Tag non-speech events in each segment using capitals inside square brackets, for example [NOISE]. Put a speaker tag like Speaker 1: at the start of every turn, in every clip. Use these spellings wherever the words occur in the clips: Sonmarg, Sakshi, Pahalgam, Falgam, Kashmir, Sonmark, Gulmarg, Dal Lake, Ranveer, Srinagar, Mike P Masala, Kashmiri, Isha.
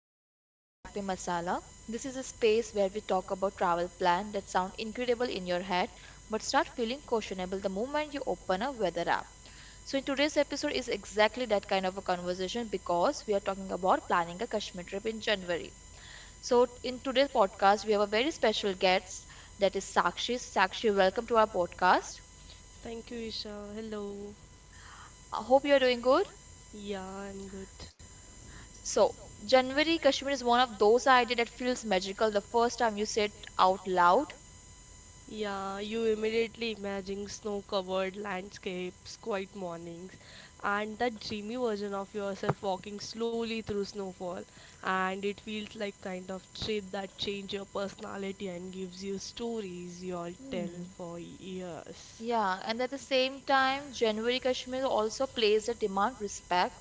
Speaker 1: welcome to Mike P Masala. This is a space where we talk about travel plans that sound incredible in your head but start feeling questionable the moment you open a weather app. So in today's episode is exactly that kind of a conversation because we are talking about planning a Kashmir trip in January. So in today's podcast we have a very special guest that is Sakshi. Sakshi, welcome to our podcast.
Speaker 2: Thank you, Isha. Hello.
Speaker 1: I hope you are doing good.
Speaker 2: Yeah, I'm good.
Speaker 1: So, January Kashmir is one of those ideas that feels magical the first time you say it out loud.
Speaker 2: Yeah, you immediately imagine snow covered landscapes, quiet mornings, and that dreamy version of yourself walking slowly through snowfall. And it feels like kind of trip that change your personality and gives you stories you'll tell
Speaker 1: Hmm.
Speaker 2: for years.
Speaker 1: Yeah, and at the same time, January Kashmir also plays a demand respect.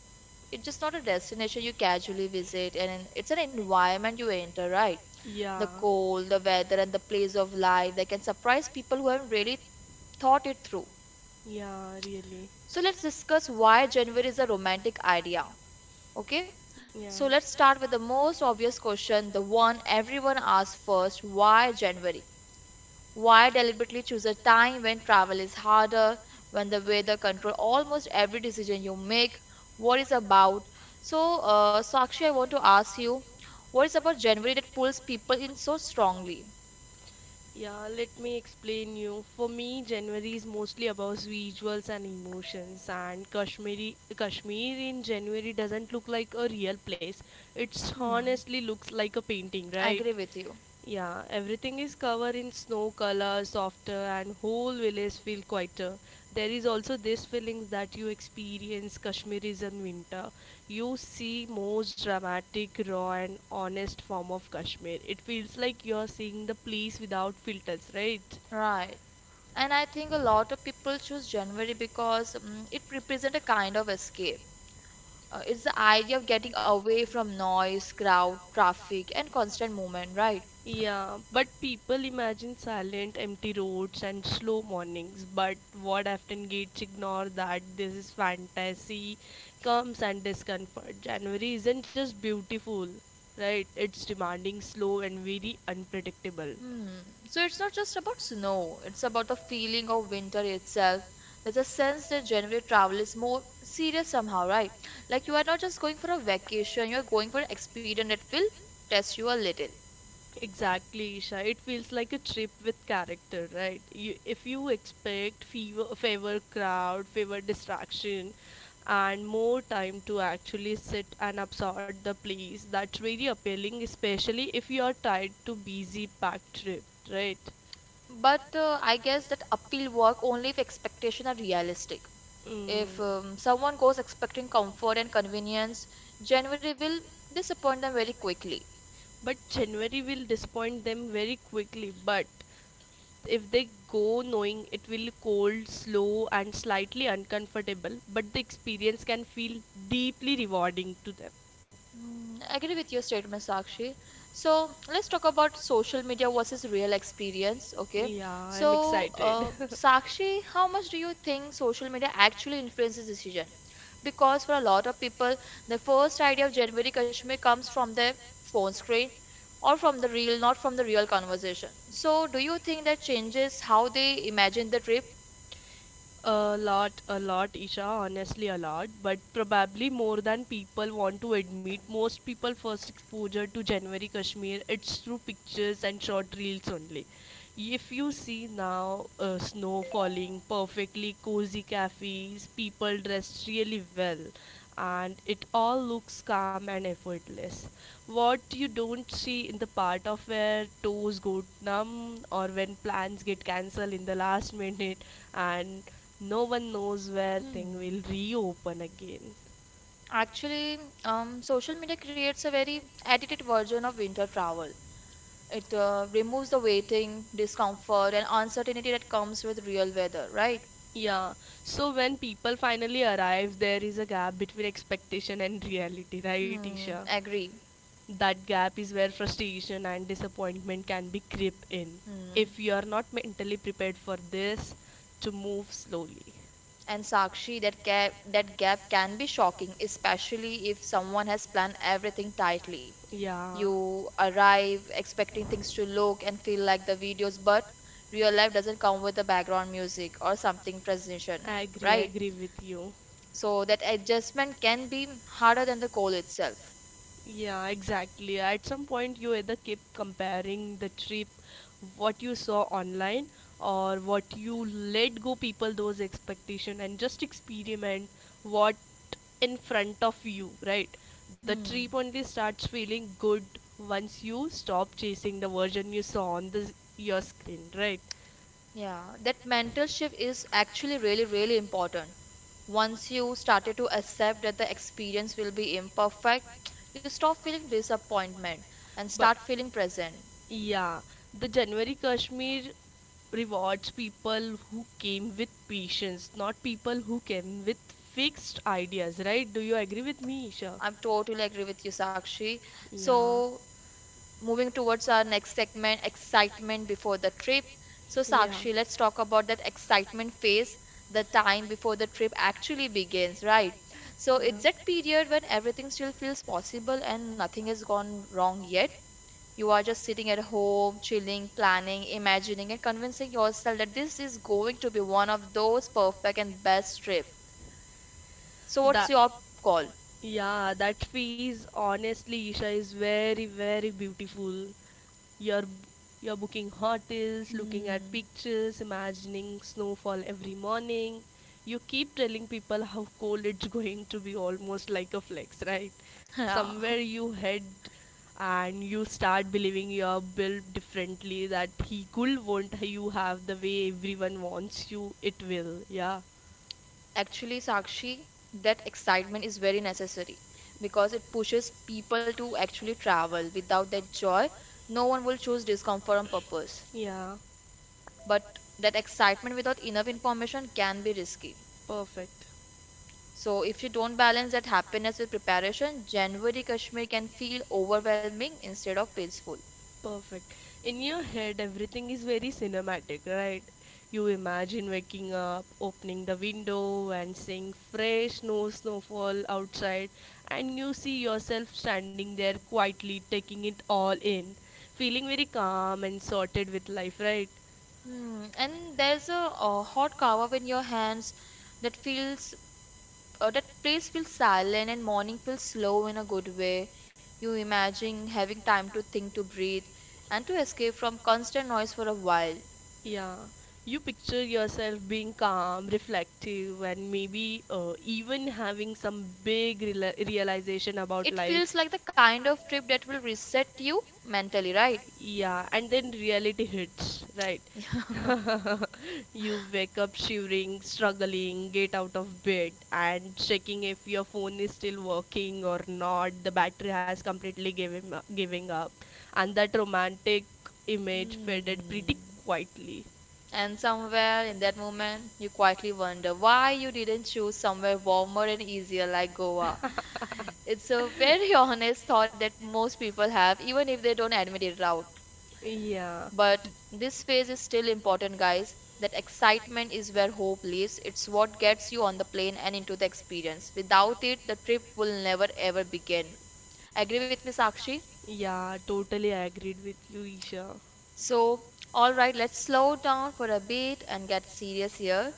Speaker 1: It's just not a destination you casually visit, and it's an environment you enter, right? The
Speaker 2: Yeah.
Speaker 1: cold, the weather, and the place of life that can surprise people who haven't really thought it through.
Speaker 2: Yeah, really.
Speaker 1: So let's discuss why January is a romantic idea. Okay?
Speaker 2: Yeah.
Speaker 1: So let's start with the most obvious question, the one everyone asks first, why January? Why deliberately choose a time when travel is harder, when the weather control almost every decision you make? What is about? So, Sakshi, I want to ask you, what is about January that pulls people in so strongly?
Speaker 2: Yeah, let me explain you. For me, January is mostly about visuals and emotions, and Kashmir in January doesn't look like a real place. It
Speaker 1: Hmm,
Speaker 2: honestly looks like a painting,
Speaker 1: I
Speaker 2: right?
Speaker 1: agree with you.
Speaker 2: Yeah, everything is covered in snow color, softer, and whole village feel quieter. There is also this feeling that you experience Kashmiris in winter. You see most dramatic, raw, and honest form of Kashmir. It feels like you're seeing the place without filters, right?
Speaker 1: Right. And I think a lot of people choose January because it represents a kind of escape. It's the idea of
Speaker 2: It's
Speaker 1: getting away from noise, crowd, traffic, and constant movement, right?
Speaker 2: Yeah, but people imagine silent, empty roads and slow mornings. But what often gets ignored that this is fantasy comes and discomfort. January isn't just beautiful, right? It's demanding, slow, and very unpredictable.
Speaker 1: Hmm. So it's not just about snow, it's about the feeling of winter itself. There's a sense that January travel is more serious somehow, right? Like you are not just going for a vacation, you're going for an experience that will test you a little.
Speaker 2: Exactly, Isha. It feels like a trip with character, right? If you expect fever, favor crowd, favor distraction, and more time to actually sit and absorb the place, that's very appealing, especially if you are tied to busy packed trip, right?
Speaker 1: But I guess that appeal work only if expectations are realistic. If
Speaker 2: Mm,
Speaker 1: um, someone goes expecting comfort and convenience, January will
Speaker 2: generally.
Speaker 1: disappoint them very quickly.
Speaker 2: But January will disappoint them very quickly. But if they go knowing it will cold, slow, and slightly uncomfortable, but the experience can feel deeply rewarding to them.
Speaker 1: Mm, I agree with your statement, Sakshi. So let's talk about social media versus real experience. Okay.
Speaker 2: Yeah, I'm
Speaker 1: So,
Speaker 2: excited.
Speaker 1: Sakshi, how much do you think social media actually influences decision? Because for a lot of people, the first idea of January Kashmir comes from their phone screen or from the real, not from the real conversation. So, do you think that changes how they imagine the trip?
Speaker 2: [LAUGHS] A lot, Isha, honestly, a lot, but probably more than people want to admit. Most people first exposure to January Kashmir, it's through pictures and short reels only. If you see now snow falling, perfectly cozy cafes, people dressed really well, and it all looks calm and effortless. What you don't see in the part of where toes go numb or when plans get cancelled in the last minute, and no one knows where thing
Speaker 1: Hmm.
Speaker 2: will reopen again.
Speaker 1: Actually, social media creates a very edited version of winter travel. It removes the waiting, discomfort, and uncertainty that comes with real weather, right?
Speaker 2: Yeah, so when people finally arrive, there is a gap between expectation and reality, right, Isha?
Speaker 1: Hmm, agree.
Speaker 2: That gap is where frustration and disappointment can be creep in
Speaker 1: Hmm.
Speaker 2: if you are not mentally prepared for this, to move slowly.
Speaker 1: And Sakshi, that gap can be shocking, especially if someone has planned everything tightly.
Speaker 2: Yeah,
Speaker 1: You arrive expecting things to look and feel like the videos, but real life doesn't come with the background music or something presentation, right?
Speaker 2: with you.
Speaker 1: So that adjustment can be harder than the goal itself.
Speaker 2: Yeah, exactly. At some point, you either keep comparing the trip, what you saw online, or what you let go people those expectation and just experiment what in front of you, right? The trip
Speaker 1: Hmm.
Speaker 2: only starts feeling good once you stop chasing the version you saw on your screen, right?
Speaker 1: Yeah, that mental shift is actually really, really important. Once you started to accept that the experience will be imperfect, you stop feeling disappointment and start feeling present.
Speaker 2: Yeah, the January Kashmir rewards people who came with patience, not people who came with fixed ideas, right? Do you agree with me, Isha?
Speaker 1: I'm
Speaker 2: I'm
Speaker 1: totally agree with you, Sakshi. So, moving towards our next segment, excitement before the trip. So,
Speaker 2: Yeah. Yeah.
Speaker 1: Sakshi, let's talk about that excitement phase, the time before the trip actually begins, right? So, it's that period when everything still feels possible and nothing has gone wrong yet. You are just sitting at home, chilling, planning, imagining, and convincing yourself that this is going to be one of those perfect and best trip. So, what's
Speaker 2: That
Speaker 1: your call?
Speaker 2: Yeah, that fees honestly, Isha, is very beautiful. You're you're booking hotels, looking at
Speaker 1: Hmm.
Speaker 2: pictures, imagining snowfall every morning. You keep telling people how cold it's going to be, almost like a flex, right?
Speaker 1: Yeah. [LAUGHS]
Speaker 2: Somewhere you head and you start believing you're built differently, that he cool won't you have the way everyone wants you it will. Yeah,
Speaker 1: Actually, Sakshi, that excitement is very necessary because it pushes people to actually travel. Without that joy, no one will choose discomfort on purpose.
Speaker 2: yeah,
Speaker 1: But that excitement without enough information can be risky.
Speaker 2: perfect.
Speaker 1: So, if you don't balance that happiness with preparation, January Kashmir can feel overwhelming instead of peaceful.
Speaker 2: Perfect. In your head, everything is very cinematic, right? You imagine waking up, opening the window, and seeing fresh snowfall outside, and you see yourself standing there quietly taking it all in, feeling very calm and sorted with life, right?
Speaker 1: Hmm. And there's a hot kava in your hands that feels, that place feels silent and morning feels slow in a good way. You imagine having time to think, to breathe, and to escape from constant noise for a while.
Speaker 2: Yeah, you picture yourself being calm, reflective, and maybe even having some big reala realization about
Speaker 1: It
Speaker 2: life.
Speaker 1: feels like the kind of trip that will reset you mentally, right?
Speaker 2: Yeah, and then reality hits, right?
Speaker 1: [LAUGHS]
Speaker 2: [LAUGHS] You wake up shivering, struggling, get out of bed, and checking if your phone is still working or not. The battery has completely given giving up, and that romantic image faded pretty
Speaker 1: Hmm.
Speaker 2: quietly.
Speaker 1: And somewhere in that moment, you quietly wonder why you didn't choose somewhere warmer and easier like Goa.
Speaker 2: [LAUGHS]
Speaker 1: It's a very [LAUGHS] honest thought that most people have, even if they don't admit it out.
Speaker 2: Yeah.
Speaker 1: But this phase is still important, guys. That excitement is where hope lives. It's what gets you on the plane and into the experience. Without it, the trip will never ever begin. Agree with me, Sakshi?
Speaker 2: Yeah, totally agreed with you, Isha.
Speaker 1: So, all right, let's slow down for a bit and get serious here.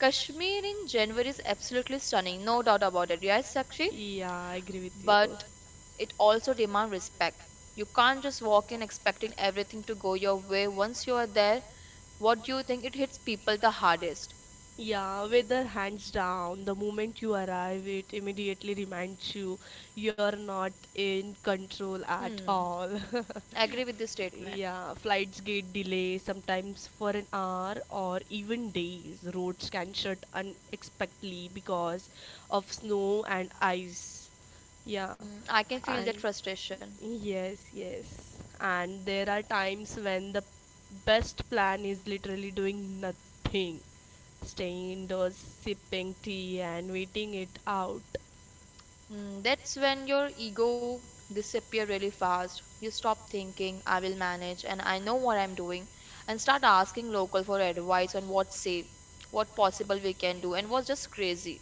Speaker 1: Kashmir in January is absolutely stunning, no doubt about it. Yes, Sakshi,
Speaker 2: Yeah, I agree with.
Speaker 1: but it also demands respect. You can't just walk in expecting everything to go your way. Once you are there, what do you think it hits people the hardest?
Speaker 2: Yeah, weather hands down. The moment you arrive, it immediately reminds you you're not in control at
Speaker 1: Hmm,
Speaker 2: all. [LAUGHS]
Speaker 1: I agree with this statement.
Speaker 2: Yeah, flights get delay sometimes for an hour or even days. Roads can shut unexpectedly because of snow and ice. Yeah,
Speaker 1: Hmm, I can feel
Speaker 2: and
Speaker 1: that frustration.
Speaker 2: Yes, yes. And there are times when the best plan is literally doing nothing. Staying indoors, sipping tea, and waiting it out.
Speaker 1: Mm, that's when your ego disappear really fast. You stop thinking, I will manage and I know what I'm doing and start asking local for advice on what's safe, what possible we can do and what's just crazy.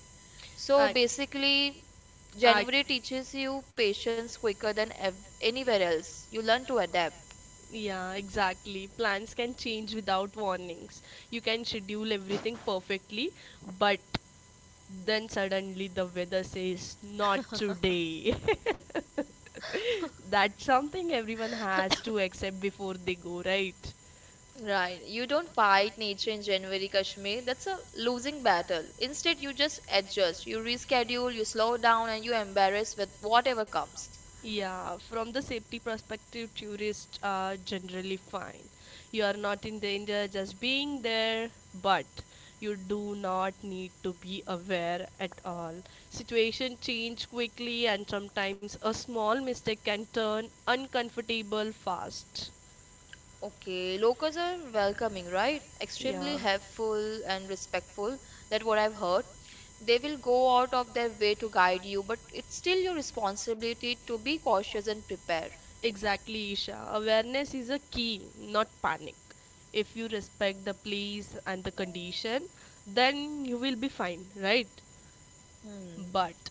Speaker 1: So basically January teaches you patience quicker than anywhere else. You learn to adapt.
Speaker 2: Yeah, exactly. Plans can change without warnings. You can schedule everything perfectly, but then suddenly the weather says, not today. [LAUGHS] That's something everyone has to accept before they go, right?
Speaker 1: Right. You don't fight nature in January, Kashmir. That's a losing battle. Instead, you just adjust. You reschedule, you slow down, and you embarrass with whatever comes.
Speaker 2: Yeah, from the safety perspective, tourists are generally fine. You are not in danger just being there, but you do not need to be aware at all. Situation change quickly and sometimes a small mistake can turn uncomfortable fast.
Speaker 1: Okay, locals are welcoming, right? Extremely
Speaker 2: Yeah.
Speaker 1: helpful and respectful. That what I've heard. They will go out of their way to guide you, but it's still your responsibility to be cautious and prepare.
Speaker 2: Exactly, Isha. Awareness is a key, not panic. If you respect the place and the condition, then you will be fine, right?
Speaker 1: Hmm.
Speaker 2: But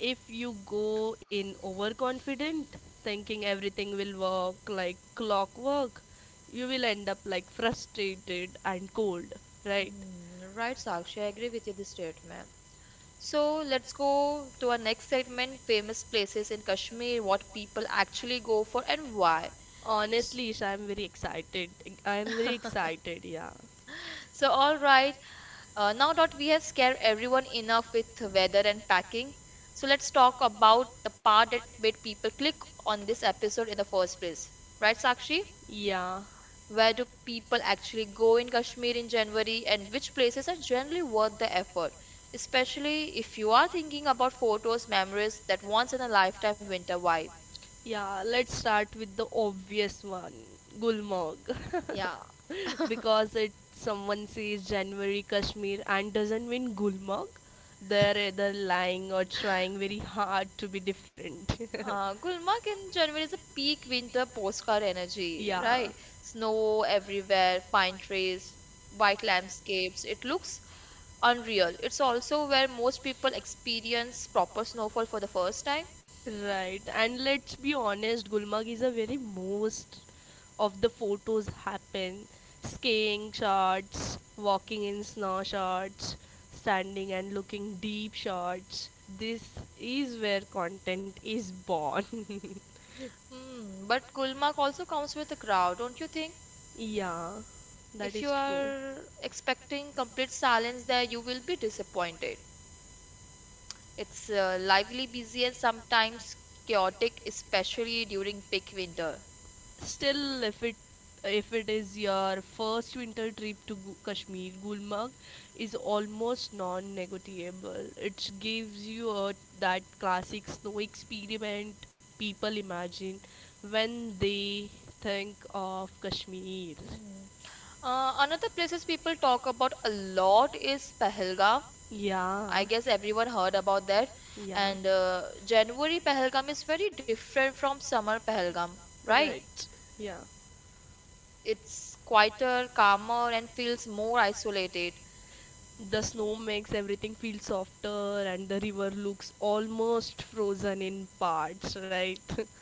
Speaker 2: if you go in overconfident, thinking everything will work like clockwork, you will end up like frustrated and cold, right?
Speaker 1: Hmm. Right, Sakshi, I agree with you this statement. So let's go to our next segment, famous places in Kashmir, what people actually go for and why.
Speaker 2: Honestly, Isha, I'm very excited. I am very excited, yeah.
Speaker 1: So all right, now that we have scared everyone enough with weather and packing, so let's talk about the part that made people click on this episode in the first place. Right, Sakshi?
Speaker 2: Yeah.
Speaker 1: Where do people actually go in Kashmir in January and which places are generally worth the effort? Especially if you are thinking about photos, memories, that once in a lifetime winter vibe.
Speaker 2: Yeah, let's start with the obvious one, Gulmarg. [LAUGHS]
Speaker 1: Yeah.
Speaker 2: [LAUGHS] Because it someone says January Kashmir and doesn't mean Gulmarg, they're either lying or trying very hard to be different.
Speaker 1: Gulmarg in January is a peak winter postcard
Speaker 2: [LAUGHS]
Speaker 1: energy,
Speaker 2: Yeah.
Speaker 1: right? Snow everywhere, pine trees, white landscapes. It looks unreal.
Speaker 2: Unreal.
Speaker 1: It's
Speaker 2: It's
Speaker 1: also
Speaker 2: also
Speaker 1: where
Speaker 2: where
Speaker 1: most
Speaker 2: most
Speaker 1: people
Speaker 2: people
Speaker 1: experience
Speaker 2: experience
Speaker 1: proper
Speaker 2: proper
Speaker 1: snowfall for the
Speaker 2: snowfall for the
Speaker 1: first
Speaker 2: first
Speaker 1: time.
Speaker 2: time. Right, and let's be honest, Gulmarg is a very most of the photos happen. Skiing shots, walking in snow shots, standing and looking deep shots. This is where content is born. [LAUGHS]
Speaker 1: Hmm, but Gulmarg also comes with a crowd, don't you think?
Speaker 2: Yeah, that
Speaker 1: If you
Speaker 2: is true.
Speaker 1: are expecting complete silence there, you will be disappointed. It's lively, busy, and sometimes chaotic, especially during peak winter.
Speaker 2: Still, if it is your first winter trip to Kashmir, Gulmarg is almost non-negotiable. It gives you a, That classic snow experiment people imagine when they think of Kashmir.
Speaker 1: Mm. Another places people talk about a lot is Pahalgam.
Speaker 2: Yeah.
Speaker 1: I guess everyone heard about that.
Speaker 2: Yeah.
Speaker 1: And January Pahalgam is very different from summer Pahalgam, right?
Speaker 2: Right. Yeah.
Speaker 1: It's quieter, calmer, and feels more isolated.
Speaker 2: The snow makes everything feel softer and the river looks almost frozen in parts, right?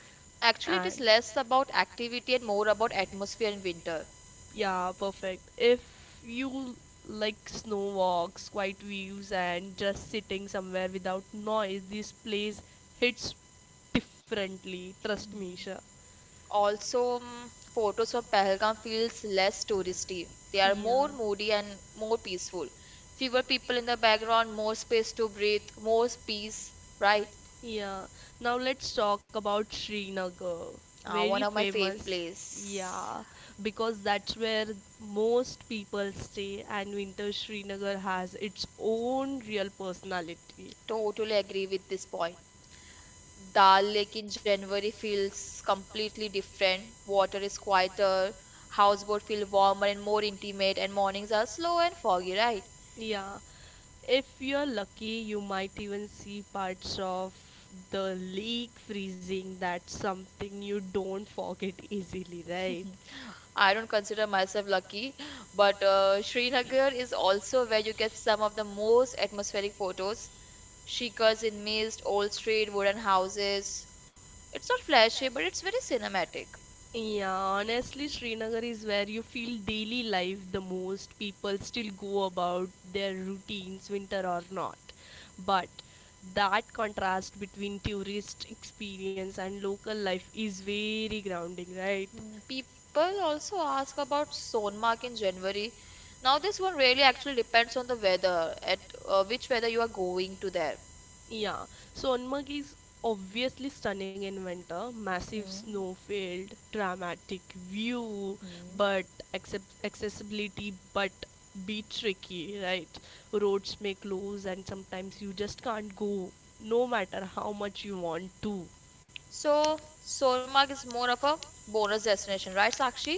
Speaker 2: [LAUGHS]
Speaker 1: Actually, it is
Speaker 2: And
Speaker 1: less about activity and more about atmosphere in winter.
Speaker 2: yeah, perfect. If you like snow walks, quiet views, and just sitting somewhere without noise, this place hits differently, trust me, Isha.
Speaker 1: Also, photos from Pahalgam feels less touristy. They are
Speaker 2: Yeah.
Speaker 1: more moody and more peaceful. Fewer people in the background, more space to breathe, more peace, right?
Speaker 2: Yeah. Now let's talk about Srinagar.
Speaker 1: Uh,
Speaker 2: Very
Speaker 1: one of my fave
Speaker 2: famous.
Speaker 1: place.
Speaker 2: Yeah, because that's where most people stay, and winter Srinagar has its own real personality.
Speaker 1: Totally agree with this point. Dal Lake in January feels completely different. Water is quieter, houseboat feel warmer and more intimate, and mornings are slow and foggy, right?
Speaker 2: Yeah, if you're lucky, you might even see parts of the lake freezing. That's something you don't forget [LAUGHS] easily, right?
Speaker 1: I don't consider myself lucky, but Srinagar is also where you get some of the most atmospheric photos. Shikars in mist, old street, wooden houses. It's not flashy, but it's very cinematic.
Speaker 2: Yeah, honestly, Srinagar is where you feel daily life the most. People still go about their routines, winter or not. But that contrast between tourist experience and local life is very grounding, right?
Speaker 1: People also ask about Sonmark in January. Now, this one really actually depends on the weather, at which weather you are going to there.
Speaker 2: Yeah, so Sonmarg is obviously stunning in winter. Massive
Speaker 1: Mm-hmm.
Speaker 2: snowfield, dramatic view, but accessibility but be tricky, right? Roads may close and sometimes you just can't go no matter how much you want to.
Speaker 1: So, Sonmark is more of a bonus destination, right, Sakshi?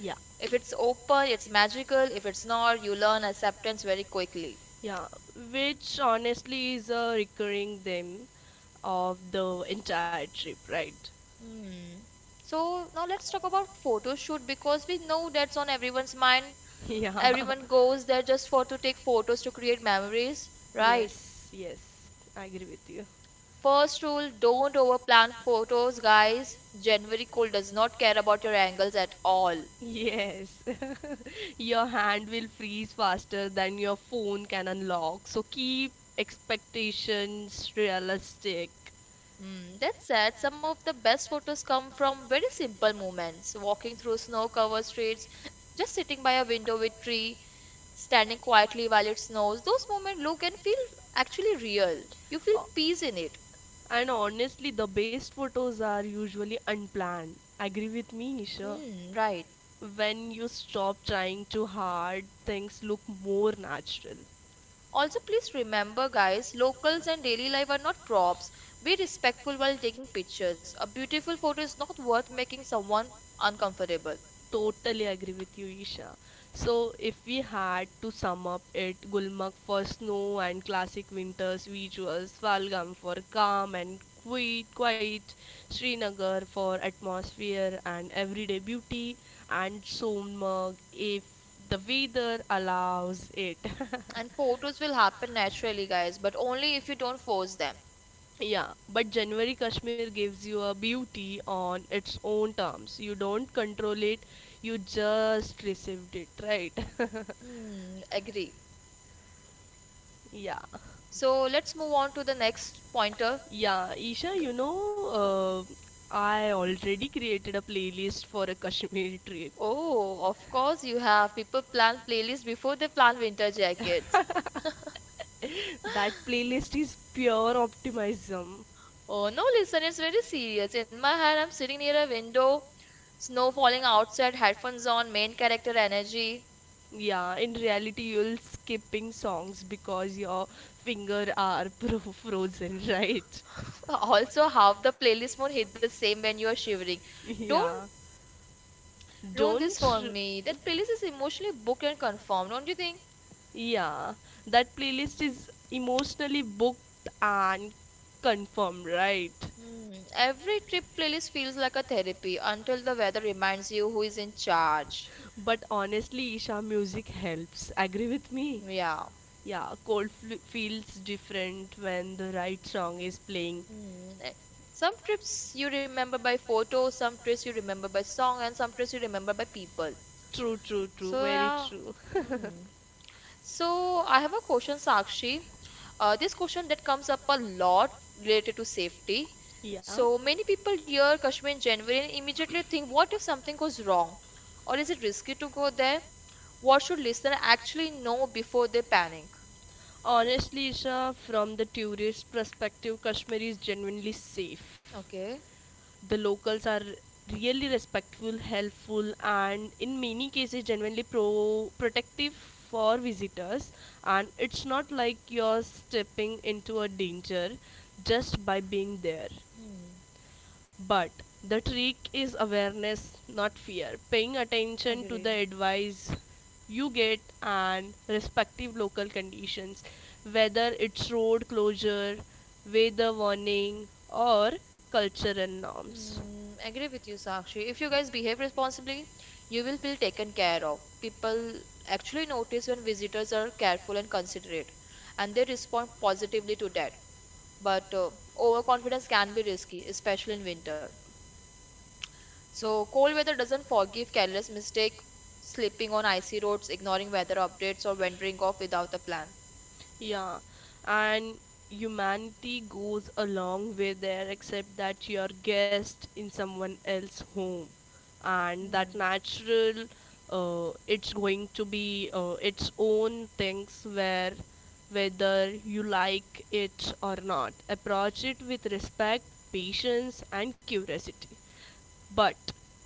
Speaker 2: Yeah.
Speaker 1: If it's open, it's magical. If it's not, you learn acceptance very quickly.
Speaker 2: Yeah, which honestly is a recurring theme of the entire trip, right?
Speaker 1: Hmm. So now let's talk about photo shoot because we know that's on everyone's mind.
Speaker 2: [LAUGHS] Yeah.
Speaker 1: Everyone goes there just for to take photos to create memories, right?
Speaker 2: Yes, yes. I agree with you.
Speaker 1: First rule, don't overplan photos, guys. January cold does not care about your angles at all.
Speaker 2: Yes. [LAUGHS] Your hand will freeze faster than your phone can unlock. So keep expectations realistic.
Speaker 1: Mm, that said, some of the best photos come from very simple moments, walking through snow-covered streets, just sitting by a window with tree standing quietly while it snows. Those moments look and feel actually real. You feel
Speaker 2: Uh,
Speaker 1: peace in
Speaker 2: it.
Speaker 1: it.
Speaker 2: And honestly, the best photos are usually unplanned. Agree with me, Isha?
Speaker 1: Hmm, right.
Speaker 2: When you stop trying too hard, things look more natural.
Speaker 1: Also, please remember, guys, locals and daily life are not props. Be respectful while taking pictures. A beautiful photo is not worth making someone uncomfortable.
Speaker 2: Totally agree with you, Isha. So, if we had to sum up it, Gulmarg for snow and classic winters visuals, Falgam for calm and quiet, Srinagar for atmosphere and everyday beauty, and Sonmarg if the weather allows it. [LAUGHS]
Speaker 1: And photos will happen naturally, guys, but only if you don't force them.
Speaker 2: Yeah, but January Kashmir gives you a beauty on its own terms. You don't control it, you just received it, right? [LAUGHS]
Speaker 1: Hmm, agree.
Speaker 2: Yeah.
Speaker 1: So let's move on to the next pointer.
Speaker 2: Yeah, Isha,
Speaker 1: Th-
Speaker 2: you know, I already created a playlist for a Kashmir trip.
Speaker 1: Oh, of course you have. People plan playlists before they plan winter jackets.
Speaker 2: [LAUGHS] That playlist is pure optimism.
Speaker 1: Oh no, listen, it's very serious. In my head, I'm sitting near a window, snow falling outside, headphones on, main character energy.
Speaker 2: Yeah, in reality, you'll skipping songs because your finger are [LAUGHS] frozen, right?
Speaker 1: [LAUGHS] Also, half the playlist won't hit the same when you are shivering. Don't
Speaker 2: Yeah,
Speaker 1: ruin this
Speaker 2: don't.
Speaker 1: for
Speaker 2: R-
Speaker 1: me. That playlist is emotionally booked and confirmed, don't you think?
Speaker 2: Yeah, that playlist is emotionally booked and confirmed, right?
Speaker 1: Hmm. Every trip playlist feels like a therapy until the weather reminds you who is in charge.
Speaker 2: But honestly, Isha, music helps. Agree with me?
Speaker 1: Yeah.
Speaker 2: Yeah, cold feels different when the right song is playing.
Speaker 1: Hmm. eh, Some trips you remember by photo, some trips you remember by song, and some trips you remember by people.
Speaker 2: True, true, true,
Speaker 1: So
Speaker 2: very
Speaker 1: yeah.
Speaker 2: true. [LAUGHS]
Speaker 1: Mm. So I have a question, Sakshi. This question that comes up a lot related to safety.
Speaker 2: Yeah.
Speaker 1: So many people hear Kashmir in January and immediately think, what if something goes wrong? Or is it risky to go there? What should listener actually know before they panic?
Speaker 2: Honestly, Isha, from the tourist perspective, Kashmir is genuinely safe.
Speaker 1: Okay.
Speaker 2: The locals are really respectful, helpful, and in many cases genuinely protective for visitors, and it's not like you're stepping into a danger just by being there.
Speaker 1: Hmm.
Speaker 2: But the trick is awareness, not fear, paying attention to the
Speaker 1: Agree.
Speaker 2: advice you get and respective local conditions, whether it's road closure, weather warning, or cultural norms.
Speaker 1: Mm, agree with you, Sakshi. If you guys behave responsibly, you will feel taken care of. People actually notice when visitors are careful and considerate, and they respond positively to that. But overconfidence can be risky, especially in winter. So, cold weather doesn't forgive careless mistake, slipping on icy roads, ignoring weather updates, or wandering off without a plan.
Speaker 2: Yeah, and humanity goes a long way there, except that you're guest in someone else's home, and that natural, it's going to be its own things where, whether you like it or not, approach it with respect, patience, and curiosity. But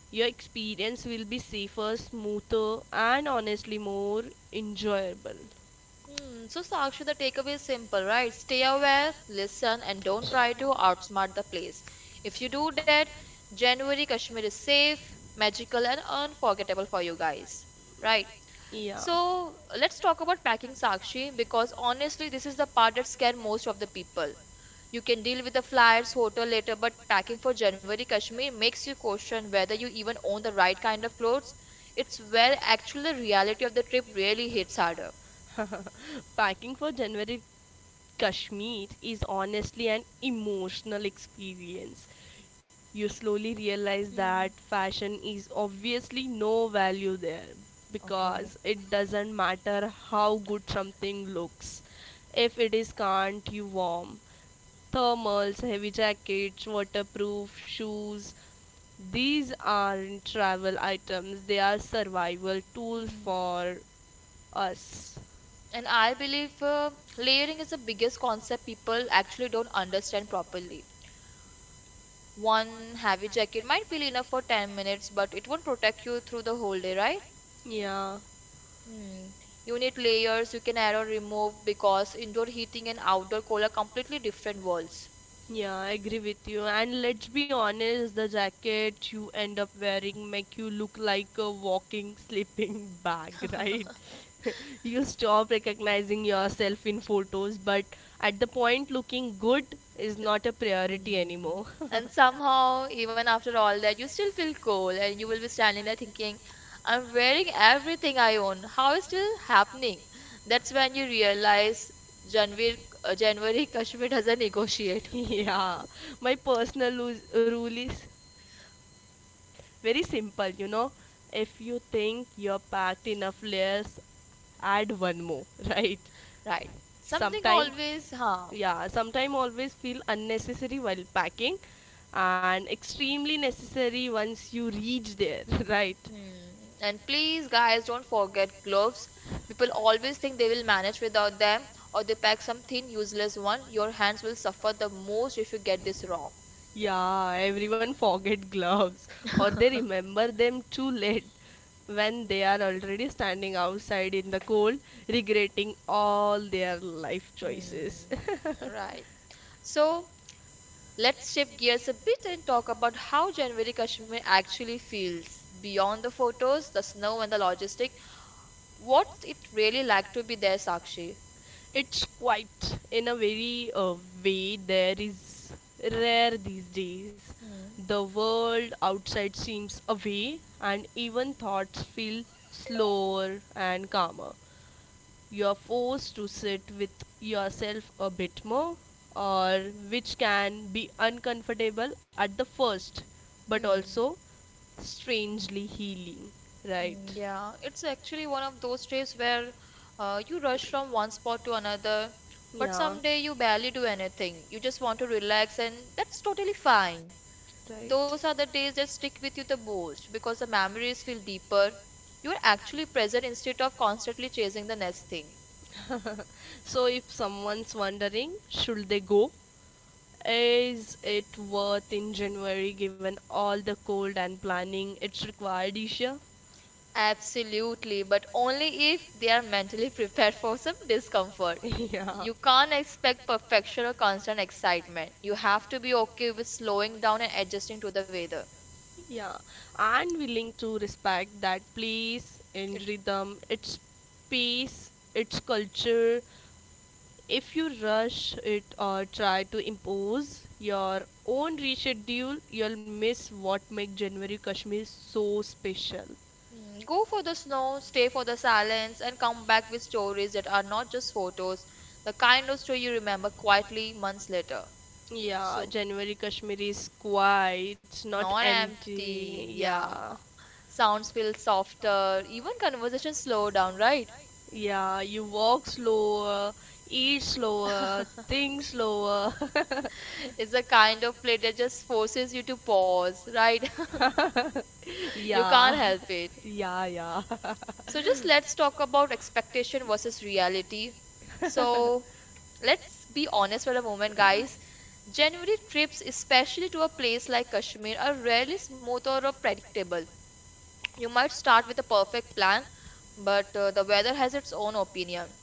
Speaker 2: your experience will be safer, smoother, and honestly more enjoyable.
Speaker 1: Hmm, so Sakshi, the takeaway is simple, right? Stay aware, listen, and don't try to outsmart the place. If you do that, January Kashmir is safe, magical, and unforgettable for you guys, right?
Speaker 2: Yeah.
Speaker 1: So let's talk about packing Sakshi because honestly, this is the part that scares most of the people. You can deal with the flyers, hotel later, but packing for January Kashmir makes you question whether you even own the right kind of clothes. It's where actually the reality of the trip really hits harder.
Speaker 2: [LAUGHS] Packing for January Kashmir is honestly an emotional experience. You slowly realize that
Speaker 1: Hmm.
Speaker 2: fashion is obviously no value there
Speaker 1: Okay.
Speaker 2: because it doesn't matter how good something looks if it is can't you warm. Thermals, heavy jackets, waterproof shoes, these aren't travel items, they are survival tools
Speaker 1: Mm.
Speaker 2: for us.
Speaker 1: And I believe layering is the biggest concept people actually don't understand properly. One heavy jacket might feel enough for 10 minutes, but it won't protect you through the whole day, right?
Speaker 2: Yeah.
Speaker 1: Hmm. You need layers you can add or remove because indoor heating and outdoor cold are completely different worlds.
Speaker 2: Yeah, I agree with you. And let's be honest, the jacket you end up wearing make you look like a walking sleeping [LAUGHS] bag, right? [LAUGHS] You stop recognizing yourself in photos, but at the point looking good is not a priority
Speaker 1: Mm.
Speaker 2: anymore.
Speaker 1: And somehow, even after all that, you still feel cold and you will be standing there thinking, I'm wearing
Speaker 2: [LAUGHS]
Speaker 1: everything I own. How
Speaker 2: How
Speaker 1: is
Speaker 2: is
Speaker 1: still
Speaker 2: this
Speaker 1: happening?
Speaker 2: happening?
Speaker 1: That's
Speaker 2: That's
Speaker 1: when
Speaker 2: when
Speaker 1: you
Speaker 2: you realize
Speaker 1: realize January,
Speaker 2: Ranveer
Speaker 1: uh, January [LAUGHS]
Speaker 2: January
Speaker 1: Kashmir
Speaker 2: Kashmir has
Speaker 1: doesn't
Speaker 2: a
Speaker 1: negotiate.
Speaker 2: negotiation. [LAUGHS] Yeah, my personal rule is very simple. If you think you're packed enough layers, add one more. [LAUGHS] Right.
Speaker 1: Right. Something
Speaker 2: Sometime always,
Speaker 1: always, huh?
Speaker 2: huh? Yeah, sometime always feel unnecessary while packing and extremely necessary once you reach there. [LAUGHS] Right.
Speaker 1: Hmm. And please, guys, don't forget gloves. People always think they will manage without them, or they pack some thin, useless one. Your hands will suffer the most if you get this wrong.
Speaker 2: Yeah, everyone forget gloves [LAUGHS] or they remember them too late when they are already standing outside in the cold, regretting all their life choices.
Speaker 1: Hmm. Right. So, let's shift gears a bit and talk about how January Kashmir actually feels. Beyond the photos, the snow, and the logistic, what's it really like to be there, Sakshi?
Speaker 2: [LAUGHS] It's quite in a very way there is rare these days.
Speaker 1: Hmm.
Speaker 2: The world outside seems away and even thoughts feel slower and calmer. You're forced to sit with yourself a bit more, or which can be uncomfortable at the first, but
Speaker 1: Hmm.
Speaker 2: also strangely healing,
Speaker 1: Mm,
Speaker 2: right?
Speaker 1: yeah, it's actually one of those days where you rush from one spot to another, but
Speaker 2: Yeah.
Speaker 1: someday you barely do anything. You just want to relax, and that's totally fine.
Speaker 2: Right.
Speaker 1: Those are the days that stick with you the most because the memories feel deeper. You are actually present instead of constantly chasing the next thing.
Speaker 2: [LAUGHS] So if someone's wondering, should they go, is it worth in january given all the cold and planning it's required, Isha? [LAUGHS]
Speaker 1: Absolutely, but only if they are mentally prepared for some discomfort.
Speaker 2: Yeah. Can.
Speaker 1: You can't expect perfection or constant excitement. You have to be okay with slowing down and adjusting to the weather.
Speaker 2: Yeah, and willing to respect that place and
Speaker 1: It,
Speaker 2: rhythm, its pace, its culture. If you rush it or try to impose your own reschedule, you'll miss what makes January Kashmir so special.
Speaker 1: mm, go for the snow, stay for the silence, and come back with stories that are not just photos, the kind of story you remember quietly months later.
Speaker 2: Yeah,
Speaker 1: So,
Speaker 2: January Kashmir is quiet, not
Speaker 1: not empty,
Speaker 2: empty.
Speaker 1: yeah.
Speaker 2: Yeah,
Speaker 1: Sounds feel softer, even conversations slow down, right?
Speaker 2: yeah, you walk slower, eat slower, think slower.
Speaker 1: It's a kind of play that just forces you to pause, right?
Speaker 2: [LAUGHS]
Speaker 1: [LAUGHS] you can't
Speaker 2: Yeah,
Speaker 1: help it.
Speaker 2: yeah, yeah. [LAUGHS]
Speaker 1: So just let's talk about expectation versus reality. So let's be honest for a moment, guys. January trips, especially to a place like Kashmir, are rarely smooth or predictable. You might start with a perfect plan, but the weather has its own opinion.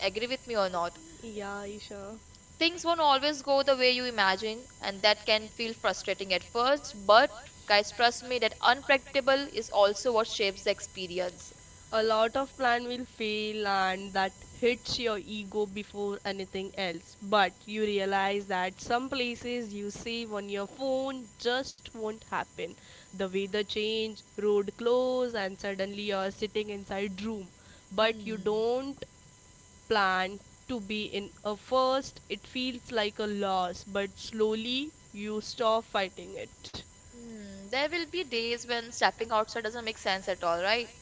Speaker 1: Agree with me or not?
Speaker 2: [LAUGHS] Yeah, Isha.
Speaker 1: Things won't always go the way you imagine and that can feel frustrating at first, but guys trust me that unpredictable is also what shapes the experience.
Speaker 2: A lot of plan will fail and that hits your ego before anything else, but you realize that some places you save on your phone just won't happen. The weather change, road close, and suddenly you're sitting inside room, but you
Speaker 1: Hmm.
Speaker 2: don't plan to be in a first it feels like a loss, but slowly you stop fighting it.
Speaker 1: Hmm. There will be days when stepping outside doesn't make sense at all, right?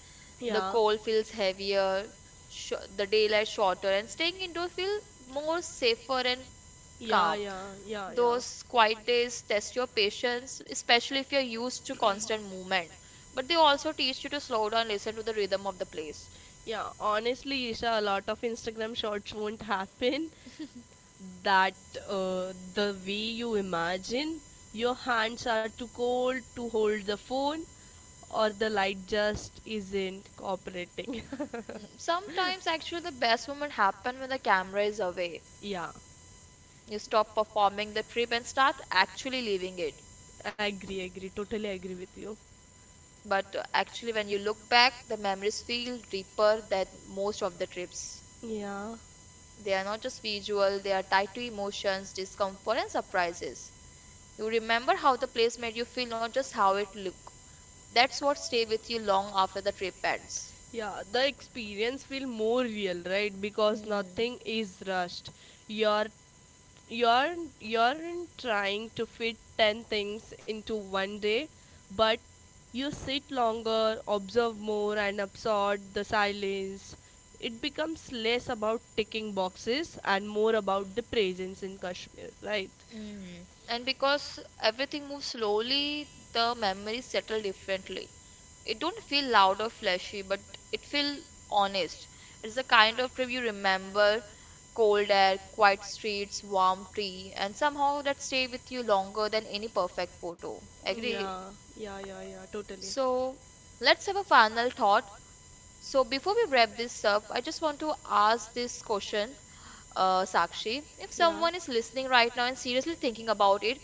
Speaker 1: The
Speaker 2: Yeah.
Speaker 1: cold feels heavier, the daylight shorter and staying indoors feel more safer and
Speaker 2: Yeah,
Speaker 1: calm.
Speaker 2: yeah, yeah,
Speaker 1: Those quiet days test your patience, especially if you're used to constant movement, but they
Speaker 2: yeah.
Speaker 1: also
Speaker 2: [COUGHS]
Speaker 1: teach you to slow down, listen to the rhythm of the place.
Speaker 2: Yeah, honestly, Isha, a lot of Instagram shorts won't happen. That The way you imagine, your hands are too cold to hold the phone, or the light just isn't cooperating.
Speaker 1: Mm, sometimes actually the best moment happen when the camera is away.
Speaker 2: [LAUGHS] Yeah,
Speaker 1: You stop performing the trip and start actually living it.
Speaker 2: I agree, totally agree with you.
Speaker 1: But actually when you look back, the memories feel deeper than most of the trips.
Speaker 2: Yeah.
Speaker 1: They are not just visual, they are tied to emotions, discomfort and surprises. You remember how the place made you feel, not just how it looked. That's what stay with you long after the trip ends.
Speaker 2: Yeah, the experience feel more real, right? Because
Speaker 1: Mm,
Speaker 2: nothing is rushed. you're you're you're trying to fit 10 things into one day, but you sit longer, observe more and absorb the silence. It becomes less about ticking boxes and more about the presence in Kashmir, right?
Speaker 1: mm. And because everything moves slowly, the memories settle differently. It don't feel loud or flashy, but it feel honest. It's the kind of trip you remember: cold air, quiet streets, warm tea, and somehow that stay with you longer than any perfect photo, agree?
Speaker 2: Yeah, yeah, yeah, yeah, totally.
Speaker 1: So let's have a final thought. So before we wrap this up, I just want to ask this question. Sakshi, if
Speaker 2: Yeah.
Speaker 1: someone is listening right now and seriously thinking about it,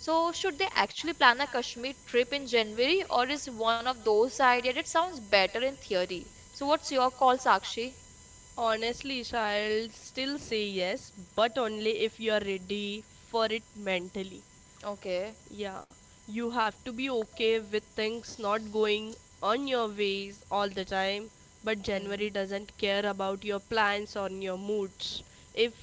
Speaker 1: so, should they actually plan a Kashmir trip in January, or is one of those ideas that sounds better in theory? So, what's your call, Sakshi?
Speaker 2: Honestly, Isha, I'll still say yes, but only if you are ready for it mentally.
Speaker 1: Okay.
Speaker 2: Yeah, you have to be okay with things not going on your ways all the time, but January
Speaker 1: Hmm.
Speaker 2: doesn't care about your plans or your moods. If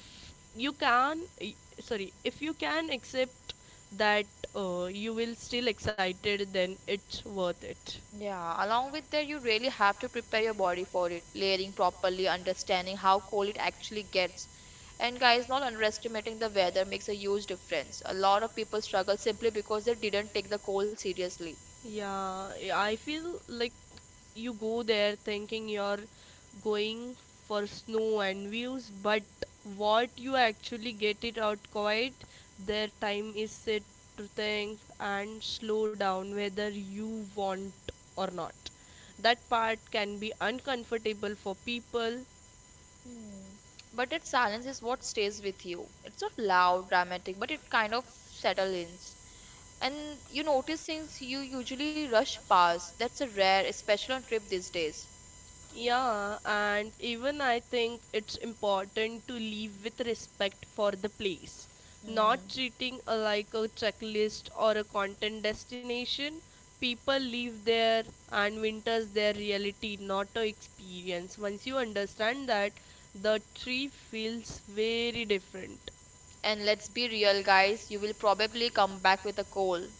Speaker 2: you can, sorry, if you can accept that you will still excited, then it's worth it.
Speaker 1: Yeah, along with that, you really have to prepare your body for it, layering properly, understanding how cold it actually gets. And guys, not underestimating the weather makes a huge difference. A lot of people struggle simply because they didn't take the cold seriously.
Speaker 2: Yeah, I feel like you go there thinking you're going for snow and views, but what you actually get it out quite their time is sit to think and slow down whether you want or not, that part can be uncomfortable for people.
Speaker 1: Hmm. But that silence is what stays with you. It's not loud, dramatic, but it kind of settles in. And you notice since you usually rush past, that's a rare, especially on trip these days.
Speaker 2: Yeah, and even I think it's important to leave with respect for the place, not
Speaker 1: Hmm.
Speaker 2: treating a, like a checklist or a content destination. People live there and winters their reality, not a experience. Once you understand that, the tree feels very different.
Speaker 1: And let's be real, guys, you will probably come back with a cold.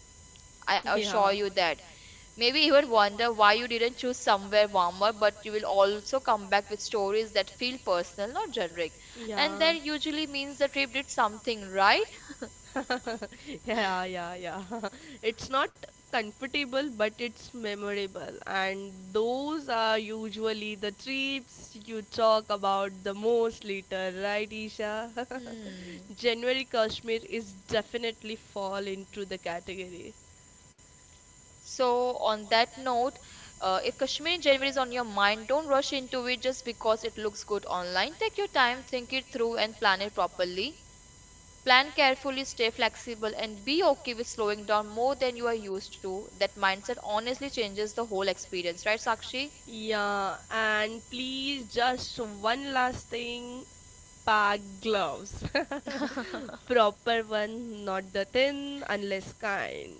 Speaker 1: I assure you that. Maybe even wonder why you didn't choose somewhere warmer, but you will also come back with stories that feel personal, not generic.
Speaker 2: And
Speaker 1: And
Speaker 2: yeah.
Speaker 1: that usually means the trip did something, right?
Speaker 2: [LAUGHS] Yeah, yeah, yeah. [LAUGHS] It's not comfortable, but it's memorable. And those are usually the trips you talk about the most later, right, Isha?
Speaker 1: [LAUGHS] Hmm.
Speaker 2: [LAUGHS] January Kashmir is definitely fall into the category.
Speaker 1: So, on that note, if Kashmir in January is on your mind, don't rush into it just because it looks good online. Take your time, think it through, and plan it properly. Plan carefully, stay flexible, and be okay with slowing down more than you are used to. That mindset honestly changes the whole experience, right, Sakshi?
Speaker 2: Yeah, and please, just one last thing. Park gloves. [LAUGHS] Proper one, not the thin, unless kind.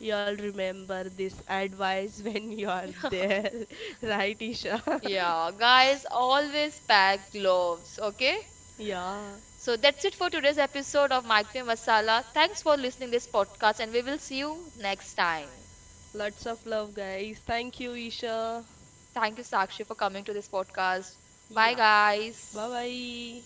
Speaker 2: Y'all remember this advice [LAUGHS] when you are there, [LAUGHS] right, Isha?
Speaker 1: Yeah, guys, always pack gloves, okay?
Speaker 2: [LAUGHS] Yeah,
Speaker 1: So that's it for today's episode of Microwave Masala. Thanks for listening this podcast, and we will see you next time.
Speaker 2: lots of love, guys. Thank you, Isha.
Speaker 1: Thank you, Sakshi, for coming to this podcast. Bye,
Speaker 2: Yeah. Bye
Speaker 1: guys.
Speaker 2: bye.